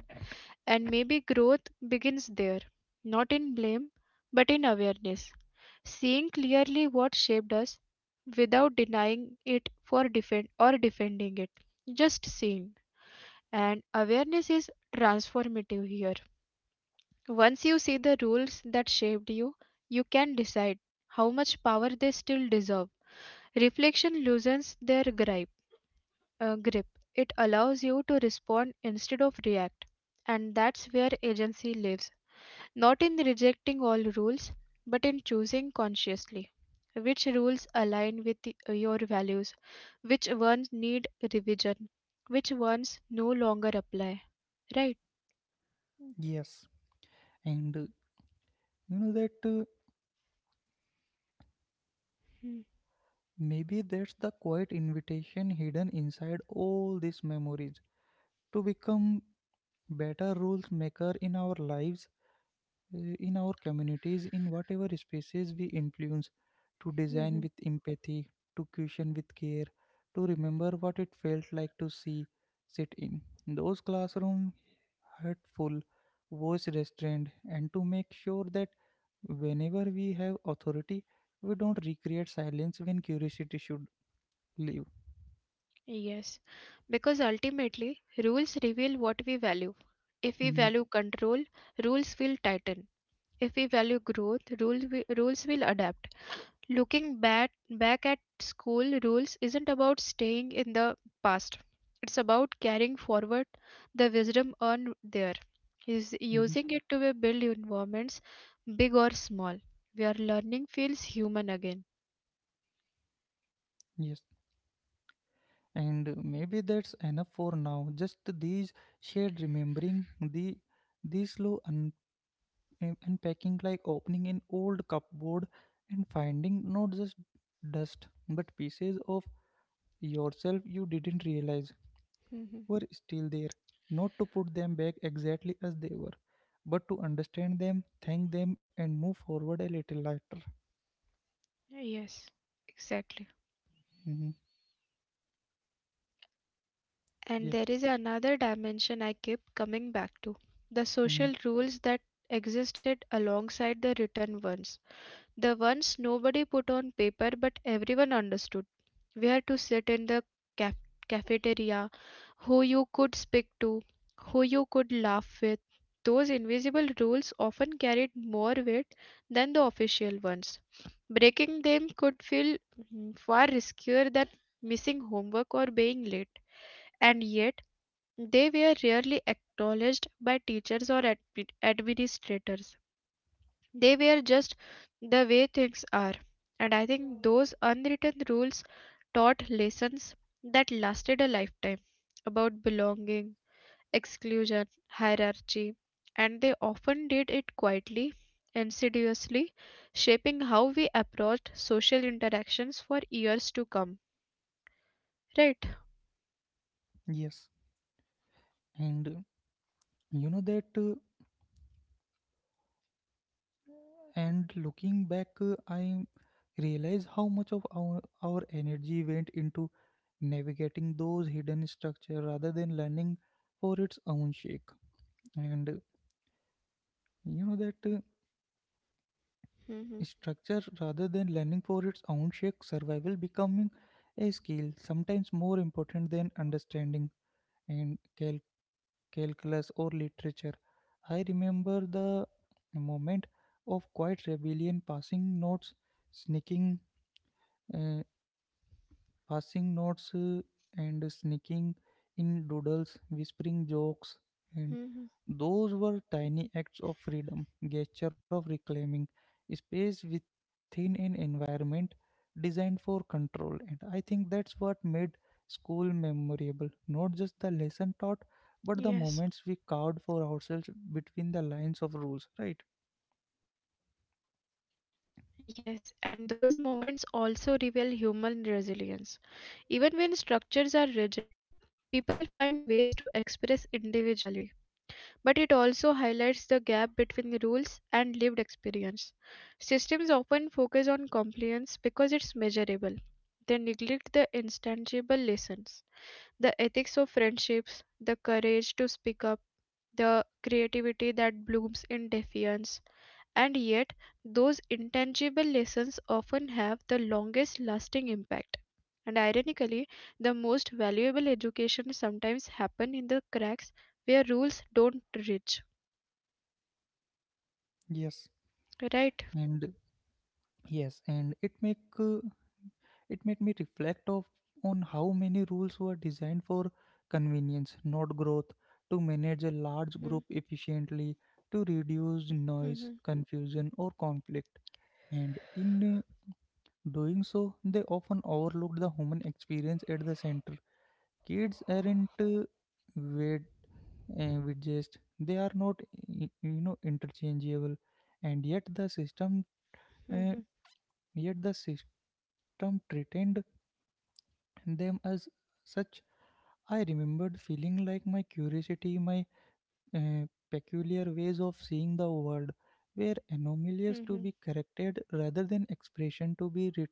And maybe growth begins there, not in blame, but in awareness, seeing clearly what shaped us without denying it for defending it. Just seeing. And awareness is transformative here. Once you see the rules that shaped you, you can decide how much power they still deserve. Reflection loosens their grip. uh, grip. It allows you to respond instead of react. And that's where agency lives not in rejecting all rules, but in choosing consciously which rules align with your values, which ones need revision, which ones no longer apply. Right? Yes, and you know that Mhm, maybe that's the quiet invitation hidden inside all these memories to become better rules maker in our lives, in our communities, in whatever spaces we influence, to design mhm. with empathy, to cushion with care, to remember what it felt like to see, sit in those classroom hurtful, voice restrained, and to make sure that whenever we have authority, we don't recreate silence when curiosity should live. Yes, because ultimately rules reveal what we value. If we Mhm, value control, rules will tighten. If we value growth, rules will adapt. Looking back at school rules isn't about staying in the past. It's about carrying forward the wisdom earned there. Is mhm, using it to build environments, big or small, where learning feels human again. yes, and maybe that's enough for now. Just these shared remembering, these slow unpacking, like opening an old cupboard and finding not just dust but pieces of yourself you didn't realize Mhm. were still there, not to put them back exactly as they were but to understand them, thank them, and move forward a little lighter. Yes, exactly. Hmm, And yeah. there is another dimension I keep coming back to the social Hmm, rules that existed alongside the written ones. The ones nobody put on paper but everyone understood. Where to sit in the cafeteria, who you could speak to, who you could laugh with. Those invisible rules often carried more weight than the official ones. Breaking them could feel far riskier than missing homework or being late, and yet they were rarely acknowledged by teachers or administrators. They were just the way things are. And I think those unwritten rules taught lessons that lasted a lifetime about belonging, exclusion, hierarchy, and they often did it quietly, insidiously, shaping how we approached social interactions for years to come. Right? yes, and you know that and looking back, I realize how much of our energy went into navigating those hidden structure rather than learning for its own sake. And you know that Mm-hmm. structure rather than learning for its own sake, survival becoming a skill sometimes more important than understanding and calculus or literature. I remember the moment of quiet rebellion, passing notes, sneaking. uh, Passing notes, and sneaking in doodles, whispering jokes, and those Mm-hmm. were tiny acts of freedom, gesture of reclaiming space within an environment designed for control. And I think that's what made school memorable, not just the lesson taught, Yes. but the moments we carved for ourselves between the lines of rules, right? Yes, and those moments also reveal human resilience. Even when structures are rigid, people find ways to express individuality. But it also highlights the gap between the rules and lived experience. Systems often focus on compliance because it's measurable. They neglect the intangible lessons. The ethics of friendships, the courage to speak up, the creativity that blooms in defiance. And yet, those intangible lessons often have the longest lasting impact. And ironically, the most valuable education sometimes happen in the cracks where rules don't reach. Yes. Right? And yes, and it made me reflect of, on how many rules were designed for convenience, not growth, to manage a large group Hmm, efficiently, to reduce noise, hmm, confusion, or conflict. And in doing so, they often overlooked the human experience at the center. Kids aren't wait, widgets, they are not you know interchangeable, and yet the hmm, system, hmm, uh, yet the system treated them as such. I remembered feeling like my curiosity, my, uh, peculiar ways of seeing the world, were anomalies hmm, to be corrected rather than expression to be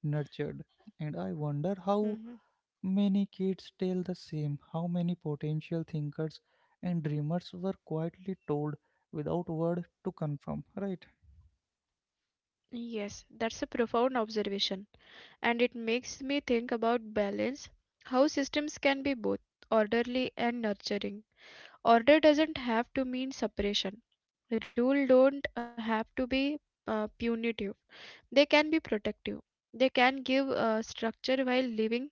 nurtured. And I wonder hmm, how hmm. many kids tell the same, how many potential thinkers and dreamers were quietly told without word to confirm, right? Yes, that's a profound observation. And it makes me think about balance, how systems can be both orderly and nurturing. Order doesn't have to mean separation. Rule don't have to be punitive. They can be protective. They can give structure while leaving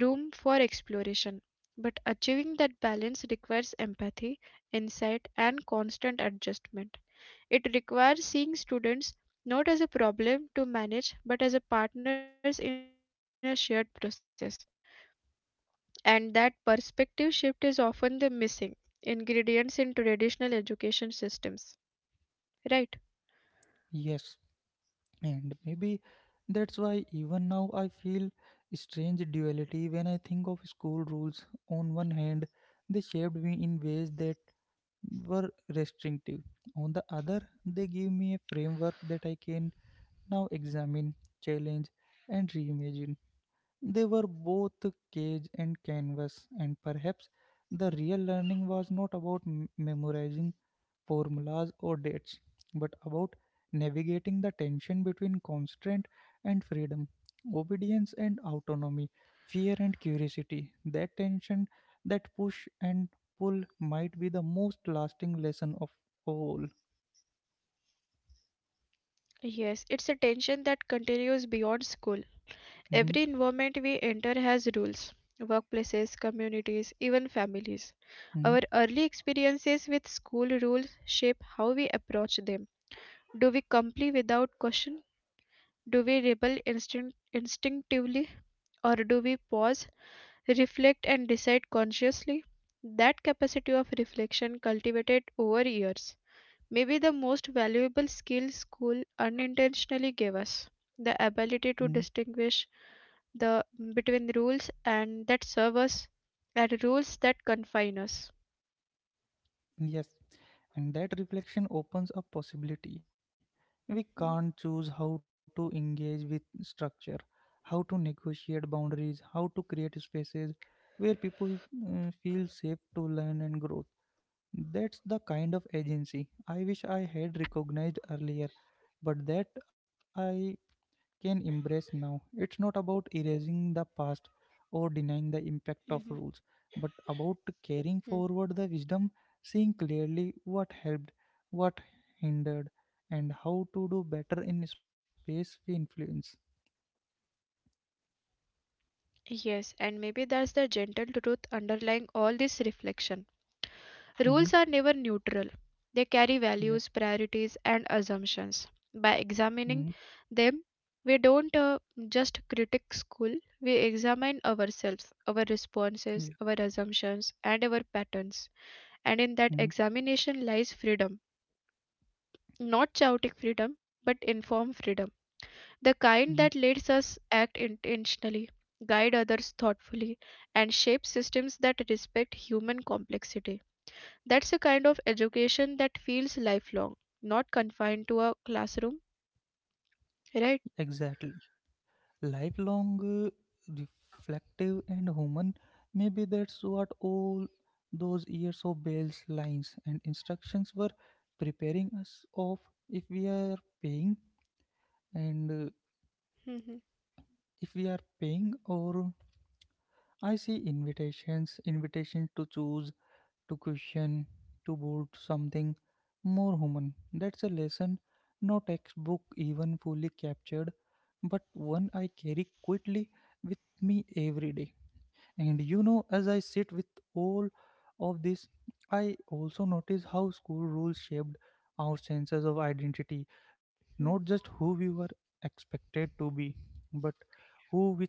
room for exploration. But achieving that balance requires empathy, insight, and constant adjustment. It requires seeing students not as a problem to manage but as a partners in a shared process. And that perspective shift is often the missing ingredients in traditional education systems, right? Yes, and maybe that's why even now I feel strange duality when I think of school rules. On one hand, they shaped me in ways that were restrictive. On the other, they give me a framework that I can now examine, challenge, and reimagine. They were both cage and canvas, and perhaps the real learning was not about memorizing formulas or dates, but about navigating the tension between constraint and freedom, obedience and autonomy, fear and curiosity. That tension, that push and pull might be the most lasting lesson of all. Yes, it's a tension that continues beyond school. Every Mhm, environment we enter has rules: workplaces, communities, even families. Our mhm, early experiences with school rules shape how we approach them. Do we comply without question? Do we rebel instinctively? Or do we pause, reflect, and decide consciously? That capacity of reflection, cultivated over years, may be the most valuable skill school unintentionally gave us. The ability mhm. to distinguish the between rules and that serve us and rules that confine us. Yes, and that reflection opens up possibility. We Mm. can't choose how to engage with structure, how to negotiate boundaries, how to create spaces where people feel safe to learn and grow. That's the kind of agency I wish I had recognized earlier, but that I can embrace now. It's not about erasing the past or denying the Mhm. impact of rules, but about Mm. carrying forward the wisdom, seeing clearly what helped, what hindered, and how to do better in space we influence. Yes, and maybe that's the gentle truth underlying all this reflection. Rules are never neutral. Hmm, They carry values, yeah. priorities, and assumptions. By examining Hmm, them, we don't just critique school, we examine ourselves, our yeah. responses, our assumptions, and our patterns. And in that Hmm, examination lies freedom, not chaotic freedom, but informed freedom, the hmm, kind that lets us act intentionally, guide others thoughtfully, and shape systems that respect human complexity. That's a kind of education that feels lifelong, not confined to a classroom, exactly. right? Lifelong, uh, reflective and human, maybe that's what all those years of bells lines and instructions were preparing us of, if we are paying and Mhm. if we are paying, or I see invitations to choose, to question, to build something more human. That's a lesson no textbook even fully captured, but one I carry quietly with me every day. And you know, as I sit with all of this, I also notice how school rules shaped our senses of identity, not just who we Mhm. were expected to be, but who we thought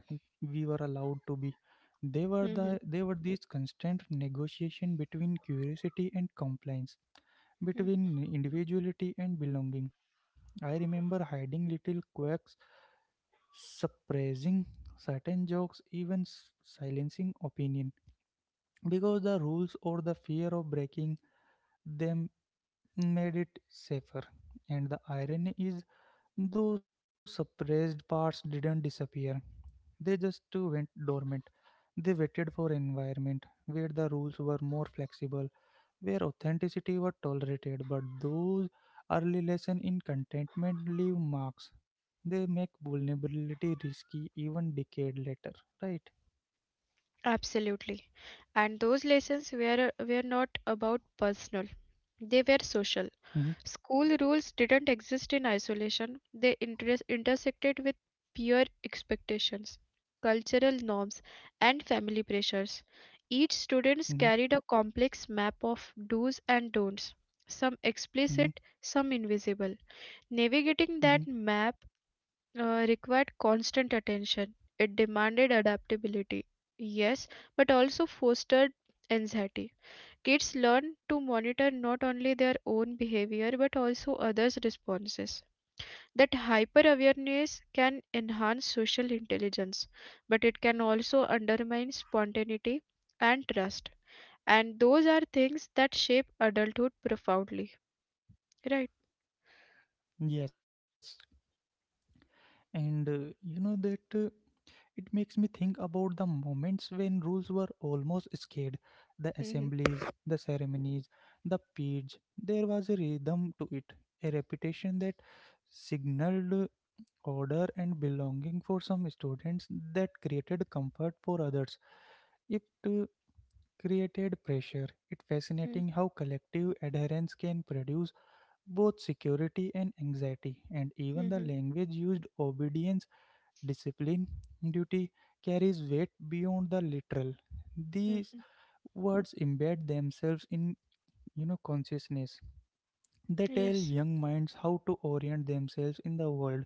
we were allowed to be. They were Mhm. this constant negotiation between curiosity and compliance, between Mhm. individuality and belonging. I remember hiding little quirks, suppressing certain jokes, even silencing opinion because the rules or the fear of breaking them made it safer. And the irony is, those suppressed parts didn't disappear, they just went dormant. They waited for an environment where the rules were more flexible, where authenticity was tolerated, but those early lessons in contentment leave marks. They make vulnerability risky even decade later, right? Absolutely. And those lessons were not about personal. They were Mm-hmm, social. School rules didn't exist in isolation. They intersected with peer expectations, cultural norms, and family pressures. Each mm-hmm, student carried a complex map of do's and don'ts, some mm-hmm, explicit, some invisible. Navigating mm-hmm. that map required constant attention. It demanded adaptability, yes, but also fostered anxiety. Kids learn to monitor not only their own behavior but also others' responses. That hyper awareness can enhance social intelligence, but it can also undermine spontaneity and trust. And those are things that shape adulthood profoundly, right. Yes, and you know that. It makes me think about the moments when rules were almost scared, the assemblies, Mhm. the ceremonies, the page. There was a rhythm to it, a repetition that signaled order and belonging for some students, that created comfort. For others, it, uh, created pressure. It's fascinating how Mhm. collective adherence can produce both security and anxiety, and even the Mhm. language used, obedience, discipline, duty, carries weight beyond the literal. These Mhm. words embed themselves in, you know, consciousness. They tell Yes. young minds how to orient themselves in the world,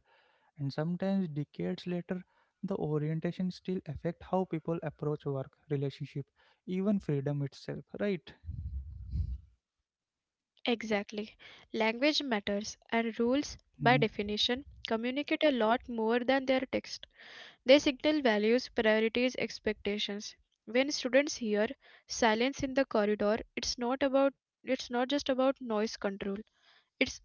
and sometimes decades later, the orientation still affect how people approach work, relationship, even freedom itself. Right? Exactly. Language matters, and rules, by Mhm, definition, communicate a lot more than their text. They signal values, priorities, expectations. When students hear silence in the corridor, it's not about, it's not just about noise control.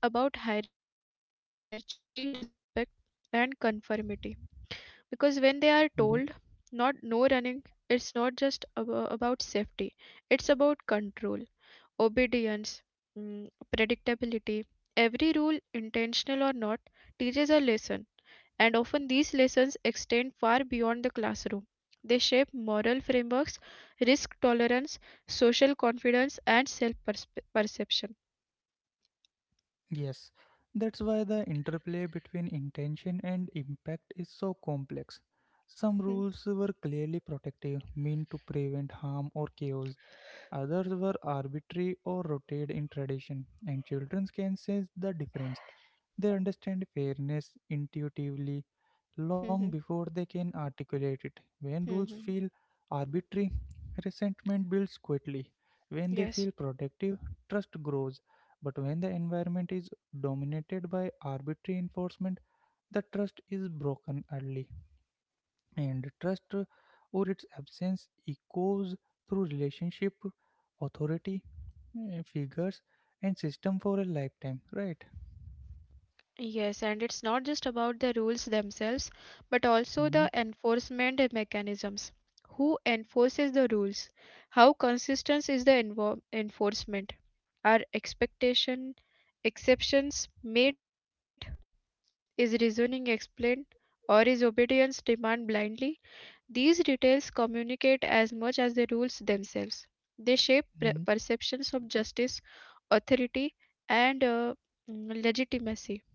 It's about hierarchy, respect, and conformity. Because when they are told mhm. not no running, it's not just about safety. It's about control, obedience, mm, predictability. Every rule, intentional or not, teaches a lesson, and often these lessons extend far beyond the classroom. They shape moral frameworks, risk tolerance, social confidence, and self perception. Yes, that's why the interplay between intention and impact is so complex. Some rules were Hmm. clearly protective, meant to prevent harm or chaos. Others were arbitrary or rooted in tradition, and children can sense the difference. They understand fairness intuitively long before they Hmm. can Hmm. articulate it. When rules feel Hmm. Hmm. Hmm. arbitrary, resentment builds quietly. When they feel Yes. protective, trust grows. But when the environment is dominated by arbitrary enforcement, the trust is broken early. And trust, or its absence, echoes through relationship, authority, figures, and system for a lifetime, right? Yes, and it's not just about the rules themselves, but also Mhm. the enforcement mechanisms. Who enforces the rules? How consistent is the enforcement? Are expectation exceptions made? Is reasoning explained? Or is obedience demand blindly? These details communicate as much as the rules themselves. They shape perceptions of justice, authority, and legitimacy.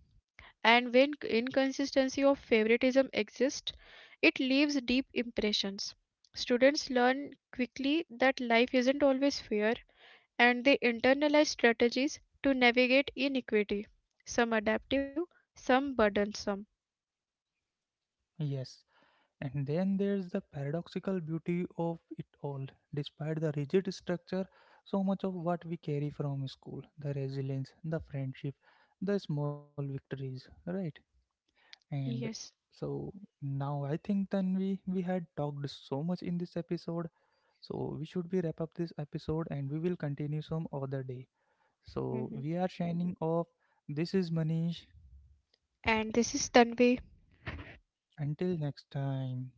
And when inconsistency of favoritism exists, it leaves deep impressions. Students learn quickly that life isn't always fair, and they internalize strategies to navigate inequity, some adaptive, some burdensome. Yes, and then there's the paradoxical beauty of it all. Despite the rigid structure, so much of what we carry from school, the resilience, the friendship, the small victories, right? And Yes. so now I think then we had talked so much in this episode, so we should be wrap up this episode and we will continue some other day. So Hmm. we are shining off. This is Manish. And this is Tanvi. Until next time.